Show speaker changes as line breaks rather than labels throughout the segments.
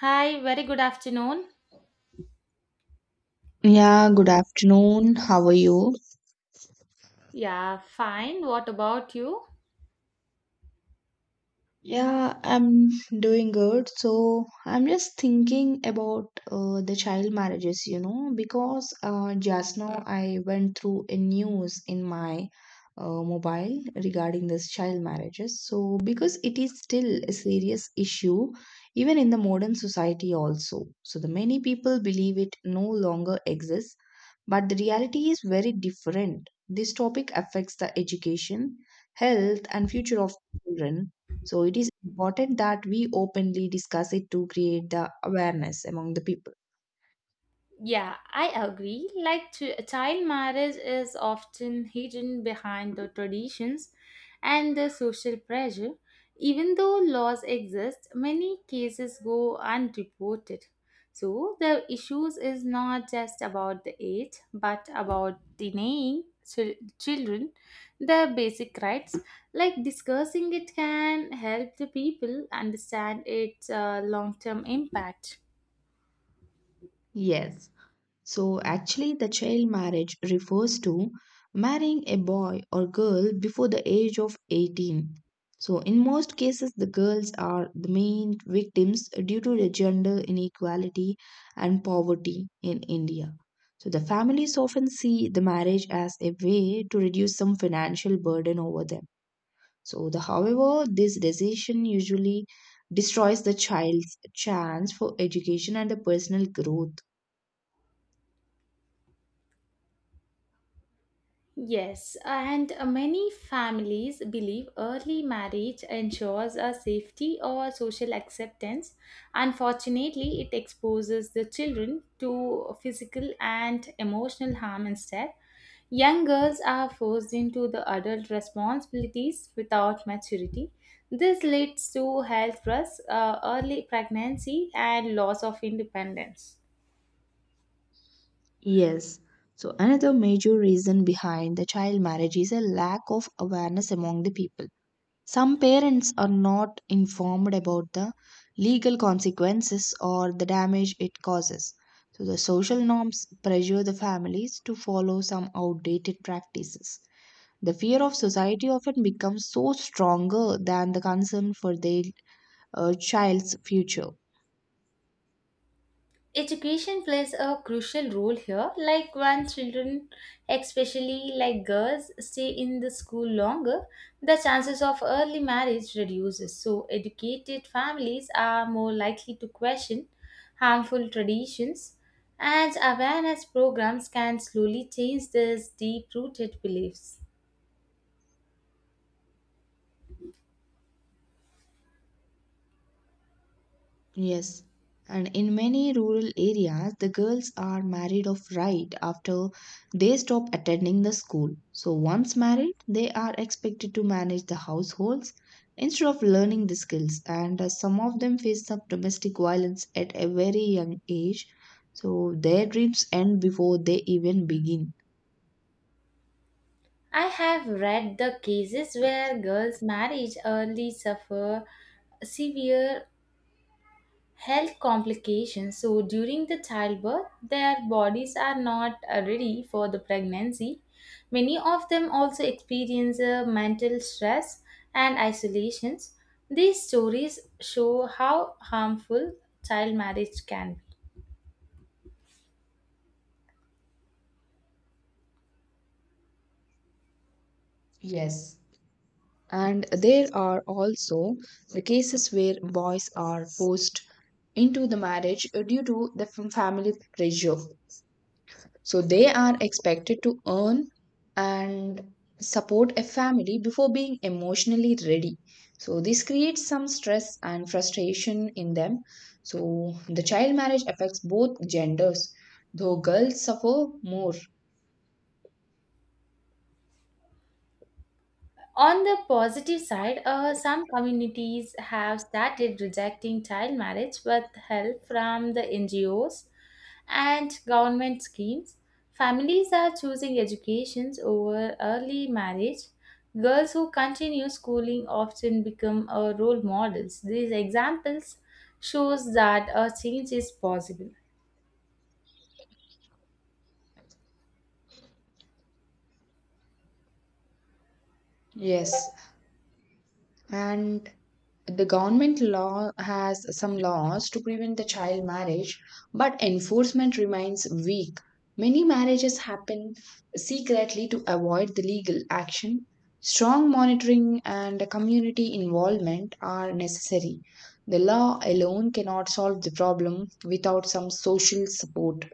Hi, very good afternoon.
Yeah, good afternoon. How are you?
Yeah, fine. What about you?
Yeah, I'm doing good. So I'm just thinking about the child marriages, you know, because just now I went through a news in my mobile regarding this child marriages. So because it is still a serious issue, even in the modern society also. So the many people believe it no longer exists, but the reality is very different. This topic affects the education, health, and future of children. So it is important that we openly discuss it to create the awareness among the people.
Yeah, I agree. Like, child marriage is often hidden behind the traditions and the social pressure. Even though laws exist, many cases go unreported. So, the issues is not just about the age, but about denying children the basic rights. Like, discussing it can help the people understand its long term impact.
Yes. So actually, the child marriage refers to marrying a boy or girl before the age of 18. So in most cases, the girls are the main victims due to the gender inequality and poverty in India. So the families often see the marriage as a way to reduce some financial burden over them. So the however, this decision usually destroys the child's chance for education and the personal growth.
Yes, and many families believe early marriage ensures a safety or social acceptance. Unfortunately, it exposes the children to physical and emotional harm instead. Young girls are forced into the adult responsibilities without maturity. This leads to health risks, early pregnancy, and loss of independence.
Yes. So, another major reason behind the child marriage is a lack of awareness among the people. Some parents are not informed about the legal consequences or the damage it causes. So, the social norms pressure the families to follow some outdated practices. The fear of society often becomes so stronger than the concern for their child's future.
Education plays a crucial role here. Like when children, especially like girls, stay in the school longer, the chances of early marriage reduces. So educated families are more likely to question harmful traditions and awareness programs can slowly change these deep-rooted beliefs.
Yes, and in many rural areas, the girls are married off right after they stop attending the school. So, once married, they are expected to manage the households instead of learning the skills. And some of them face some domestic violence at a very young age. So, their dreams end before they even begin.
I have read the cases where girls married early suffer severe health complications. So during the childbirth, their bodies are not ready for the pregnancy. Many of them also experience mental stress and isolations. These stories show how harmful child marriage can be.
Yes. And there are also the cases where boys are forced into the marriage due to the family pressure. So they are expected to earn and support a family before being emotionally ready. So this creates some stress and frustration in them. So the child marriage affects both genders, though girls suffer more.
On the positive side, some communities have started rejecting child marriage with help from the NGOs and government schemes. Families are choosing educations over early marriage. Girls who continue schooling often become role models. These examples shows that a change is possible.
Yes. And the government law has some laws to prevent the child marriage, but enforcement remains weak. Many marriages happen secretly to avoid the legal action. Strong monitoring and community involvement are necessary. The law alone cannot solve the problem without some social support.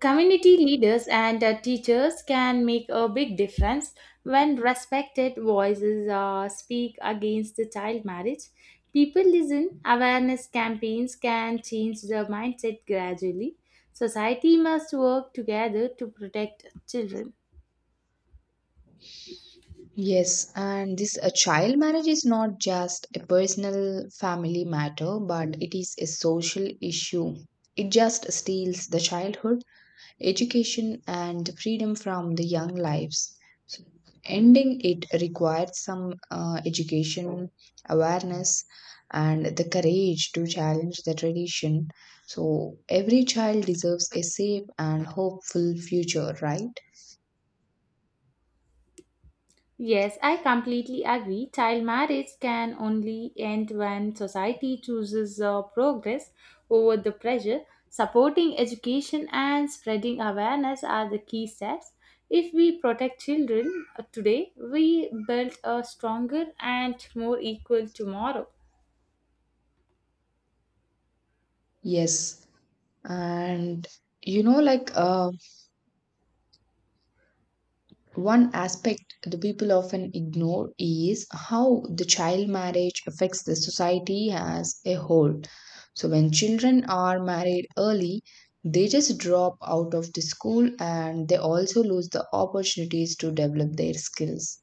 Community leaders and teachers can make a big difference when respected voices speak against the child marriage. People listen, awareness campaigns can change the mindset gradually. Society must work together to protect children.
Yes, and this a child marriage is not just a personal family matter, but it is a social issue. It just steals the childhood, education, and freedom from the young lives. So ending it requires some education, awareness, and the courage to challenge the tradition. So every child deserves a safe and hopeful future, right?
Yes, I completely agree. Child marriage can only end when society chooses progress over the pressure. Supporting education and spreading awareness are the key steps. If we protect children today, we build a stronger and more equal tomorrow.
Yes, and you know, like one aspect the people often ignore is how the child marriage affects the society as a whole. So, when children are married early, they just drop out of the school and they also lose the opportunities to develop their skills.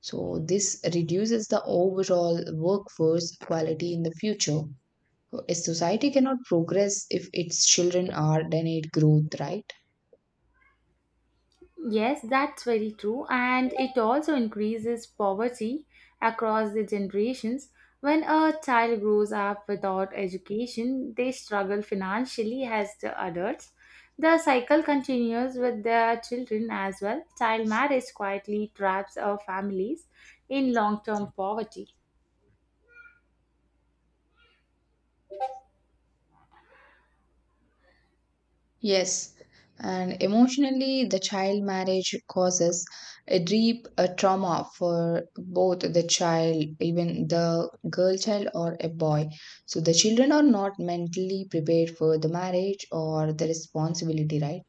So, this reduces the overall workforce quality in the future. So, a society cannot progress if its children are denied growth, right?
Yes, that's very true, and it also increases poverty across the generations. When a child grows up without education, they struggle financially as the adults. The cycle continues with their children as well. Child marriage quietly traps our families in long term poverty.
Yes, and emotionally, the child marriage causes a deep trauma for both the child, even the girl child or a boy. So the children are not mentally prepared for the marriage or the responsibility, right?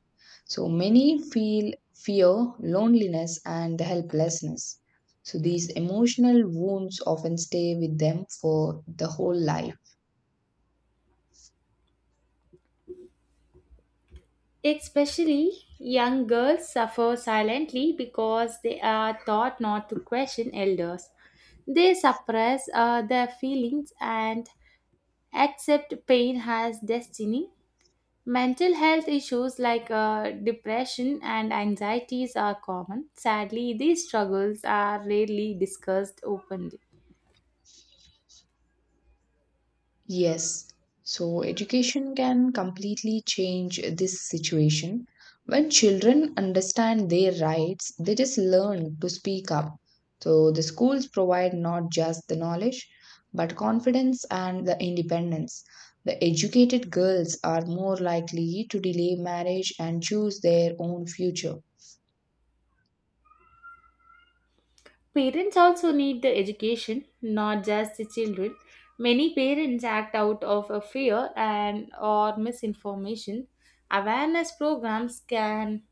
So many feel fear, loneliness, and the helplessness. So these emotional wounds often stay with them for the whole life.
Especially young girls suffer silently because they are taught not to question elders. They suppress their feelings and accept pain as destiny. Mental health issues like depression and anxieties are common. Sadly, these struggles are rarely discussed openly.
Yes, so education can completely change this situation. When children understand their rights, they just learn to speak up. So the schools provide not just the knowledge, but confidence and the independence. The educated girls are more likely to delay marriage and choose their own future.
Parents also need the education, not just the children. Many parents act out of a fear and or misinformation. Awareness programs can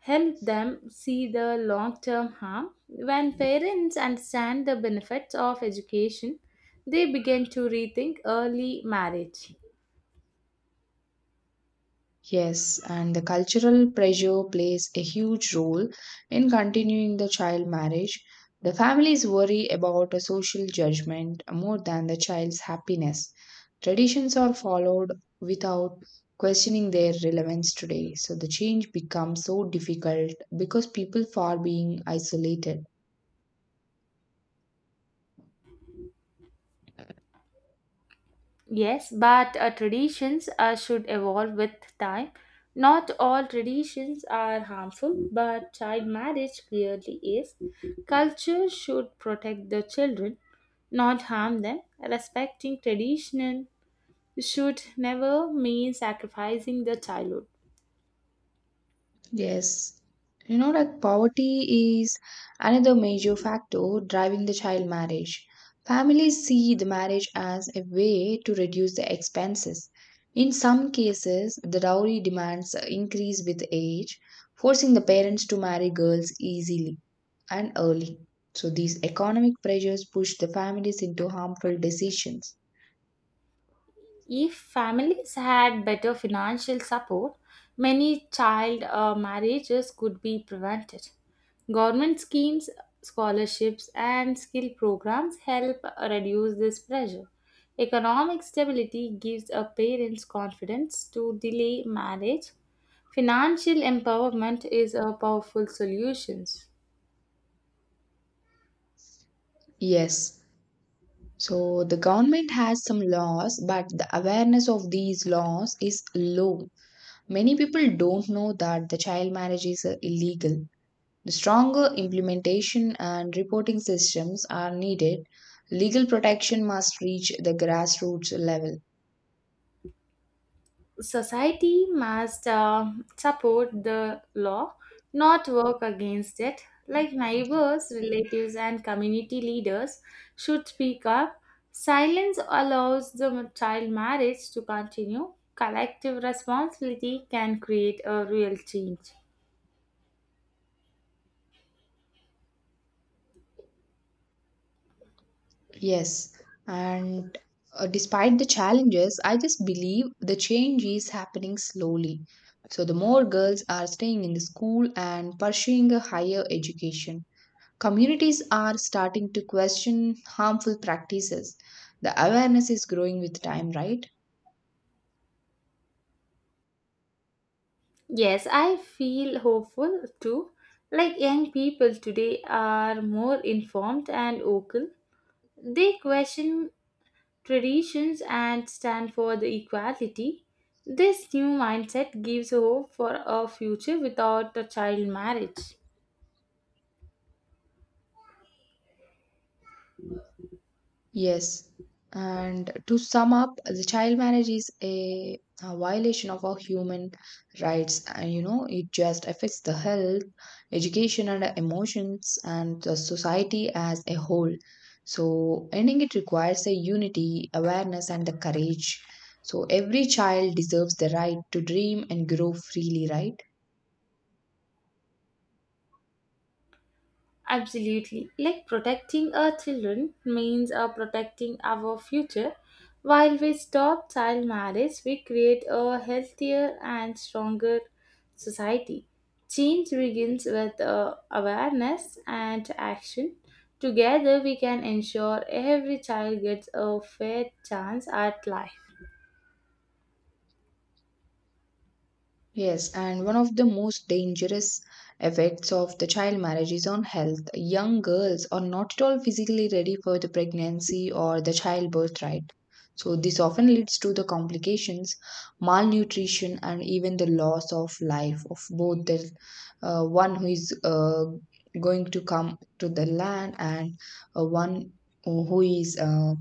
help them see the long-term harm. When parents understand the benefits of education, they begin to rethink early marriage.
Yes, and the cultural pressure plays a huge role in continuing the child marriage. The families worry about a social judgment more than the child's happiness. Traditions are followed without questioning their relevance today, so the change becomes so difficult because people are being isolated.
Yes, but traditions should evolve with time. Not all traditions are harmful, but child marriage clearly is. Culture should protect the children, not harm them. Respecting tradition should never mean sacrificing the childhood.
Yes. You know, like poverty is another major factor driving the child marriage. Families see the marriage as a way to reduce the expenses. In some cases, the dowry demands increase with age, forcing the parents to marry girls easily and early. So these economic pressures push the families into harmful decisions.
If families had better financial support, many child marriages could be prevented. Government schemes, scholarships, and skill programs help reduce this pressure. Economic stability gives a parents confidence to delay marriage. Financial empowerment is a powerful solution.
Yes. So the government has some laws, but the awareness of these laws is low. Many people don't know that the child marriage is illegal. The stronger implementation and reporting systems are needed. Legal protection must reach the grassroots level.
Society must support the law, not work against it. Like neighbors, relatives, and community leaders should speak up. Silence allows the child marriage to continue. Collective responsibility can create a real change.
Yes, and despite the challenges, I just believe the change is happening slowly. So, the more girls are staying in the school and pursuing a higher education, communities are starting to question harmful practices. The awareness is growing with time, right?
Yes, I feel hopeful too. Like young people today are more informed and vocal. They question traditions and stand for the equality. This new mindset gives hope for a future without a child marriage.
Yes. And to sum up, the child marriage is a violation of our human rights. And you know, it just affects the health, education, and emotions, and the society as a whole. So, ending it requires a unity, awareness, and the courage. So, every child deserves the right to dream and grow freely, right?
Absolutely. Like protecting our children means protecting our future. While we stop child marriage, we create a healthier and stronger society. Change begins with awareness and action. Together, we can ensure every child gets a fair chance at life.
Yes, and one of the most dangerous effects of the child marriage is on health. Young girls are not at all physically ready for the pregnancy or the childbirth, right? So, this often leads to the complications, malnutrition, and even the loss of life of both the one who is going to come to the land and one who is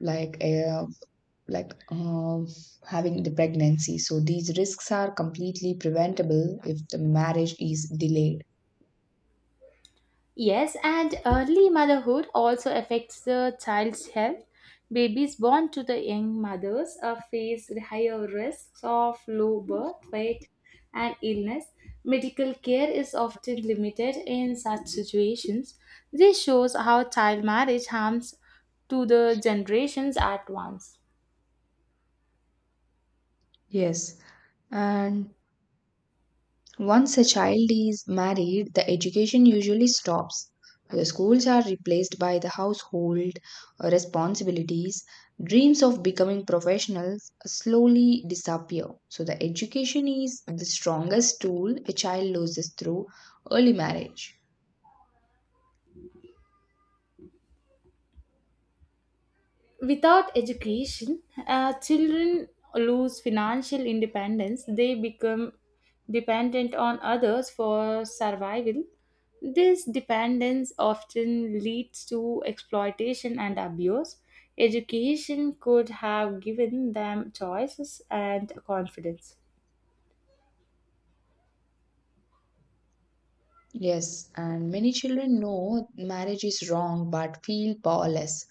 like uh, like um, having the pregnancy. So these risks are completely preventable if the marriage is delayed.
Yes, and early motherhood also affects the child's health. Babies born to the young mothers are face higher risks of low birth weight and illness. Medical care is often limited in such situations. This shows how child marriage harms to the generations at once.
Yes, and once a child is married, the education usually stops. The schools are replaced by the household responsibilities. Dreams of becoming professionals slowly disappear. So, the education is the strongest tool a child loses through early marriage.
Without education, children lose financial independence. They become dependent on others for survival. This dependence often leads to exploitation and abuse. Education could have given them choices and confidence.
Yes, and many children know marriage is wrong but feel powerless.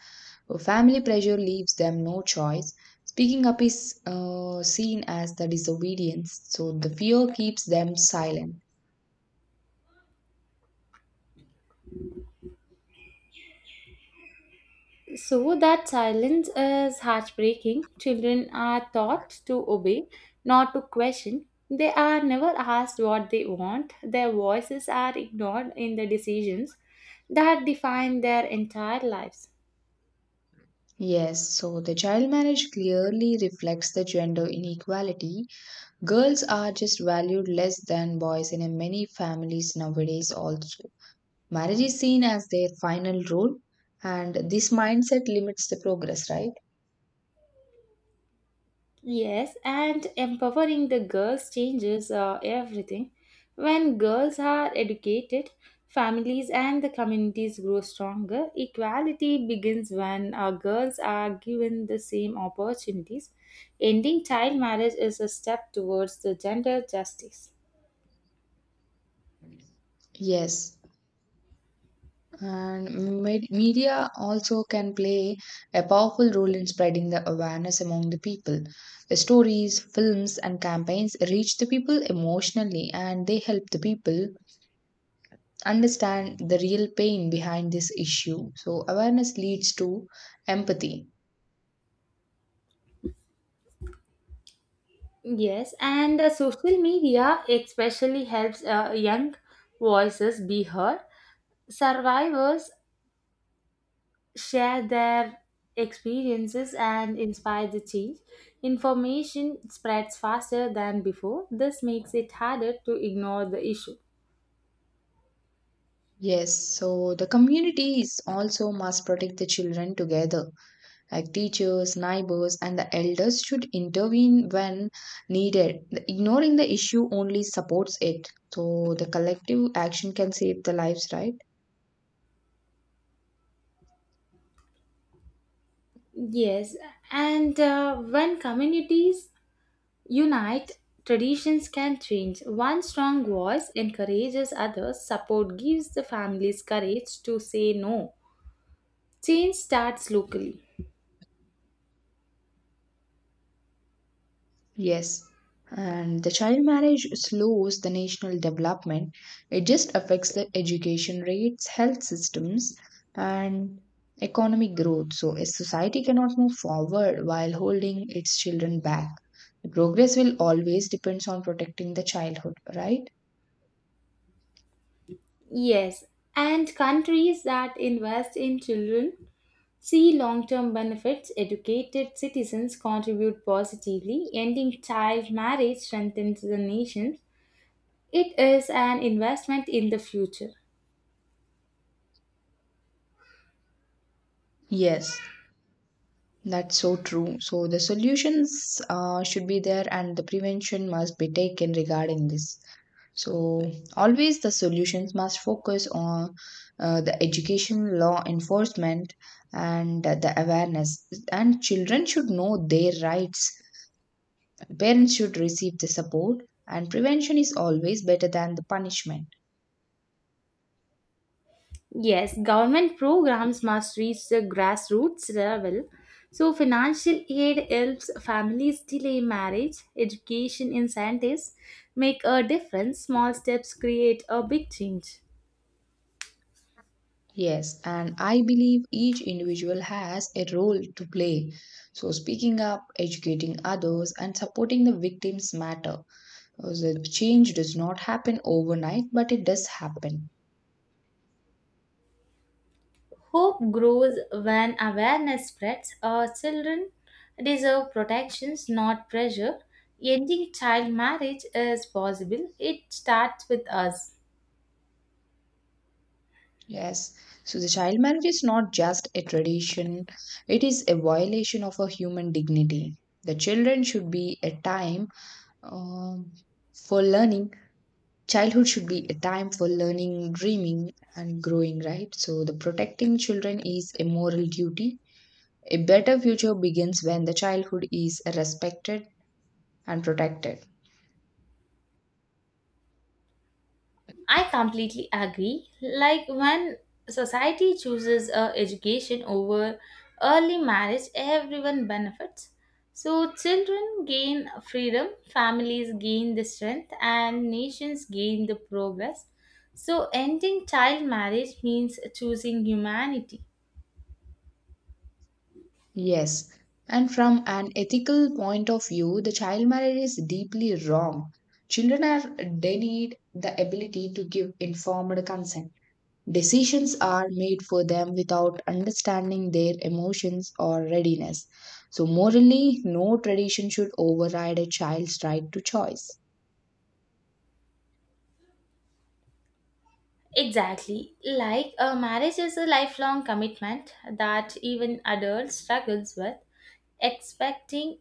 Family pressure leaves them no choice. Speaking up is seen as the disobedience, so the fear keeps them silent.
So that silence is heartbreaking. Children are taught to obey, not to question. They are never asked what they want. Their voices are ignored in the decisions that define their entire lives.
Yes, so the child marriage clearly reflects the gender inequality. Girls are just valued less than boys in a many families nowadays also. Marriage is seen as their final rule, and this mindset limits the progress, right?
Yes, and empowering the girls changes everything. When girls are educated, families and the communities grow stronger. Equality begins when girls are given the same opportunities. Ending child marriage is a step towards the gender justice.
Yes. And media also can play a powerful role in spreading the awareness among the people. The stories, films, and campaigns reach the people emotionally and they help the people understand the real pain behind this issue. So, awareness leads to empathy.
Yes, and social media especially helps young voices be heard. Survivors share their experiences and inspire the change. Information spreads faster than before. This makes it harder to ignore the issue.
Yes, so the communities also must protect the children together. Like teachers, neighbors, and the elders should intervene when needed. Ignoring the issue only supports it. So the collective action can save the lives, right?
Yes, and when communities unite, traditions can change. One strong voice encourages others, support gives the families courage to say no. Change starts locally.
Yes. And the child marriage slows the national development. It just affects the education rates, health systems, and economic growth. So a society cannot move forward while holding its children back. Progress will always depends on protecting the childhood, right?
Yes, and countries that invest in children see long term benefits, educated citizens contribute positively, ending child marriage strengthens the nation. It is an investment in the future.
Yes. That's so true. So the solutions should be there and the prevention must be taken regarding this. So always the solutions must focus on the education, law enforcement, and the awareness. And children should know their rights. Parents should receive the support, and prevention is always better than the punishment.
Yes, government programs must reach the grassroots level. So, financial aid helps families delay marriage, education incentives make a difference, small steps create a big change.
Yes, and I believe each individual has a role to play. So, speaking up, educating others, and supporting the victims matter. Because the change does not happen overnight, but it does happen.
Hope grows when awareness spreads. Our children deserve protections, not pressure. Ending child marriage is possible. It starts with us.
Yes. So, the child marriage is not just a tradition, it is a violation of a human dignity. The children should be a time um, for learning Childhood should be a time for learning, dreaming, and growing, right? So, the protecting children is a moral duty. A better future begins when the childhood is respected and protected.
I completely agree. Like when society chooses education over early marriage, everyone benefits. So children gain freedom, families gain the strength, and nations gain the progress. So ending child marriage means choosing humanity.
Yes. And from an ethical point of view, the child marriage is deeply wrong. Children are denied the ability to give informed consent. Decisions are made for them without understanding their emotions or readiness. So, morally, no tradition should override a child's right to choice.
Exactly. Like a marriage is a lifelong commitment that even adults struggles with expecting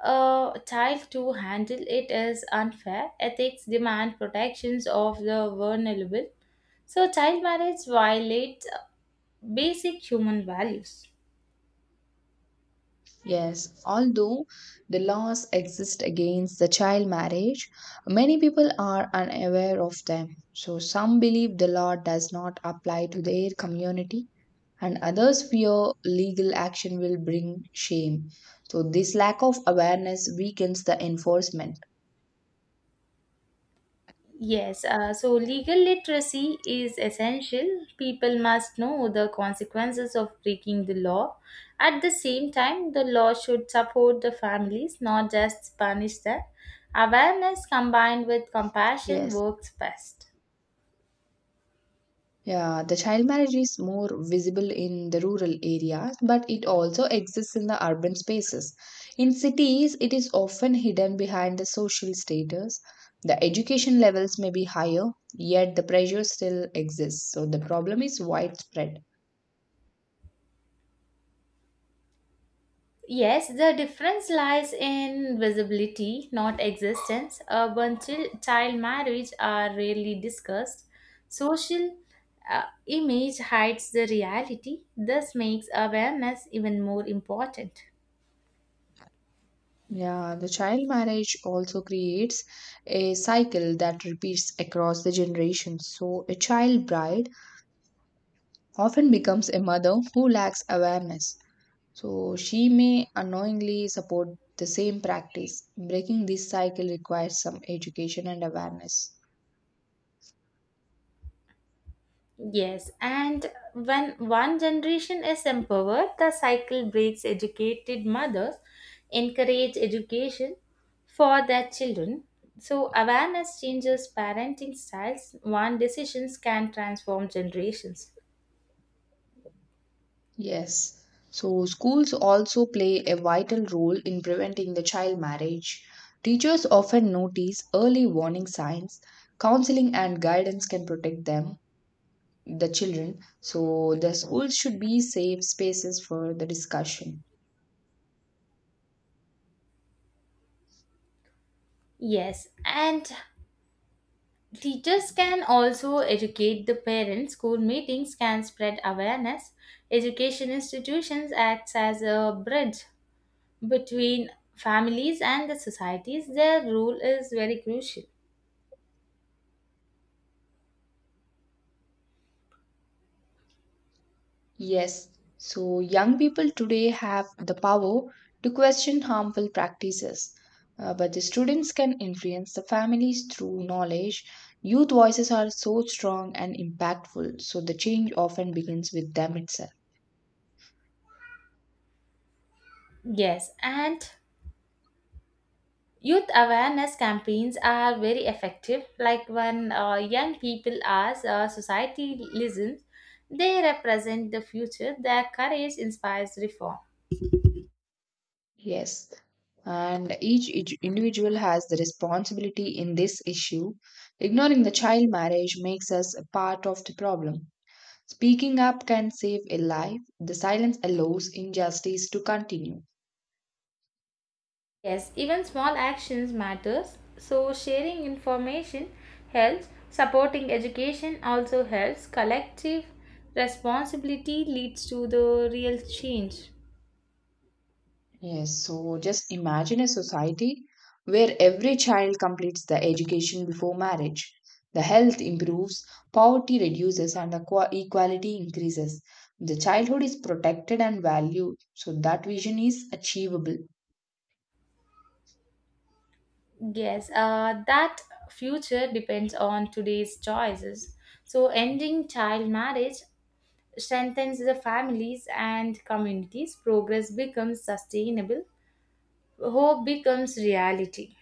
a child to handle it is unfair. Ethics demand protections of the vulnerable. So, child marriage violates basic human values.
Yes, although the laws exist against the child marriage, many people are unaware of them. So, some believe the law does not apply to their community, and others fear legal action will bring shame. So, this lack of awareness weakens the enforcement.
Yes, so legal literacy is essential. People must know the consequences of breaking the law. At the same time, the law should support the families, not just punish them. Awareness combined with compassion
Yes.
works best.
Yeah, the child marriage is more visible in the rural areas, but it also exists in the urban spaces. In cities, it is often hidden behind the social status. The education levels may be higher, yet the pressure still exists. So the problem is widespread.
Yes, the difference lies in visibility, not existence. Urban child marriage are rarely discussed. Social image hides the reality, thus makes awareness even more important.
Yeah, the child marriage also creates a cycle that repeats across the generations. So a child bride often becomes a mother who lacks awareness. So she may unknowingly support the same practice. Breaking this cycle requires some education and awareness.
Yes, and when one generation is empowered, the cycle breaks educated mothers encourage education for their children. So, awareness changes parenting styles, one decisions can transform generations.
Yes. So schools also play a vital role in preventing the child marriage. Teachers often notice early warning signs. Counseling and guidance can protect them, the children. So the schools should be safe spaces for the discussion.
Yes, and teachers can also educate the parents. School meetings can spread awareness. Education institutions acts as a bridge between families and the societies, their role is very crucial.
Yes, so young people today have the power to question harmful practices, but the students can influence the families through knowledge. Youth voices are so strong and impactful, so the change often begins with them itself.
Yes, and youth awareness campaigns are very effective. Like when young people as society listens, they represent the future. Their courage inspires reform.
Yes, and each individual has the responsibility in this issue. Ignoring the child marriage makes us a part of the problem. Speaking up can save a life, the silence allows injustice to continue.
Yes, even small actions matters. So sharing information helps. Supporting education also helps. Collective responsibility leads to the real change.
Yes, so just imagine a society where every child completes the education before marriage. The health improves, poverty reduces, and the equality increases. The childhood is protected and valued, so that vision is achievable.
Yes, that future depends on today's choices. So, ending child marriage strengthens the families and communities. Progress becomes sustainable, hope becomes reality.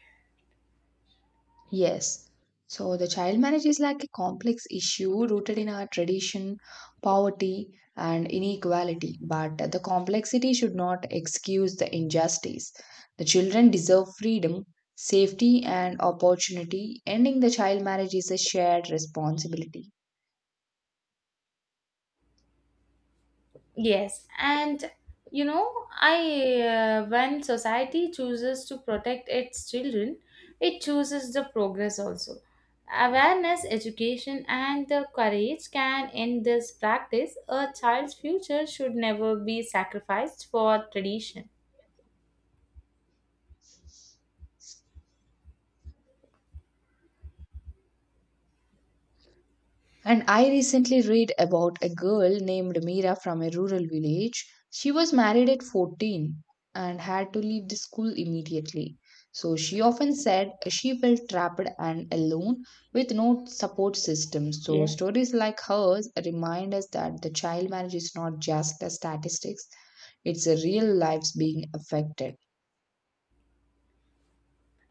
Yes. So the child marriage is like a complex issue rooted in our tradition, poverty, and inequality. But the complexity should not excuse the injustice. The children deserve freedom, safety, and opportunity. Ending the child marriage is a shared responsibility.
Yes, and you know, I when society chooses to protect its children, it chooses the progress also. Awareness, education, and the courage can end this practice. A child's future should never be sacrificed for tradition.
And I recently read about a girl named Mira from a rural village. She was married at 14 and had to leave the school immediately. So she often said she felt trapped and alone with no support system. So
Yeah.
stories like hers remind us that the child marriage is not just the statistics, it's a real lives being affected.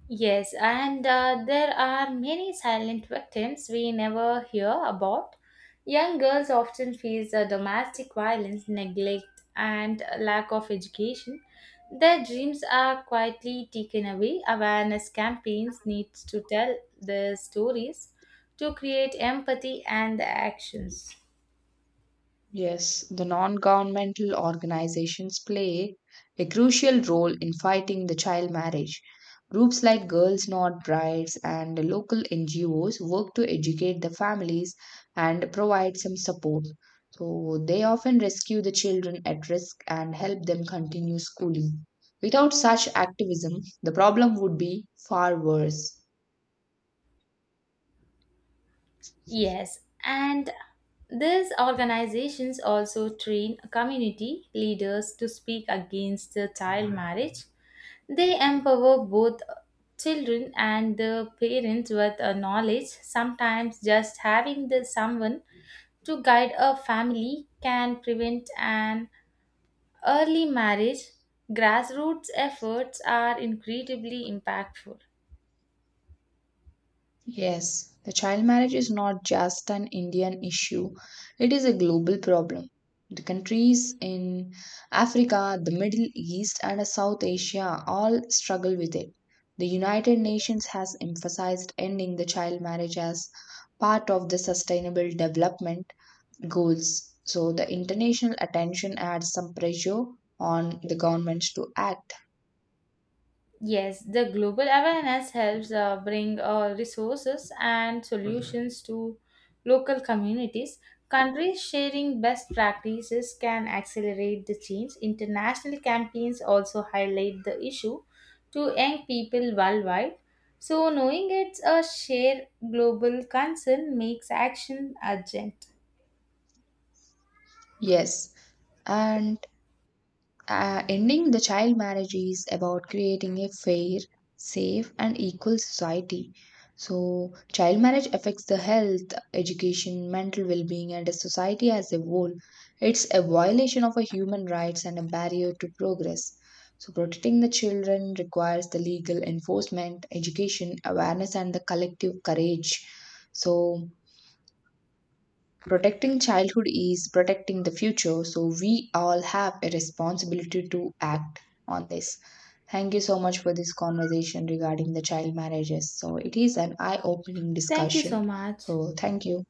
Yes, and there are many silent victims we never hear about. Young girls often face domestic violence, neglect, and lack of education. Their dreams are quietly taken away. Awareness campaigns need to tell their stories to create empathy and actions.
Yes, the non governmental organizations play a crucial role in fighting the child marriage. Groups like Girls Not Brides and local NGOs work to educate the families and provide some support. So they often rescue the children at risk and help them continue schooling. Without such activism, the problem would be far worse.
Yes, and these organizations also train community leaders to speak against the child marriage. They empower both children and the parents with a knowledge. Sometimes just having the someone to guide a family can prevent an early marriage. Grassroots efforts are incredibly impactful.
Yes, the child marriage is not just an Indian issue, it is a global problem. The countries in Africa, the Middle East, and South Asia all struggle with it. The United Nations has emphasized ending the child marriage as part of the Sustainable Development Goals. So, the international attention adds some pressure on the governments to act.
Yes, the global awareness helps bring resources and solutions to local communities. Countries sharing best practices can accelerate the change. International campaigns also highlight the issue to young people worldwide. So, knowing it's a shared global concern makes action urgent.
Yes, and ending the child marriage is about creating a fair, safe, and equal society. So, child marriage affects the health, education, mental well being, and the society as a whole. It's a violation of a human rights and a barrier to progress. So, protecting the children requires the legal enforcement, education, awareness, and the collective courage. So, protecting childhood is protecting the future, so we all have a responsibility to act on this. Thank you so much for this conversation regarding the child marriages. So, it is an eye opening
Thank you
discussion.
so much.
So, thank you.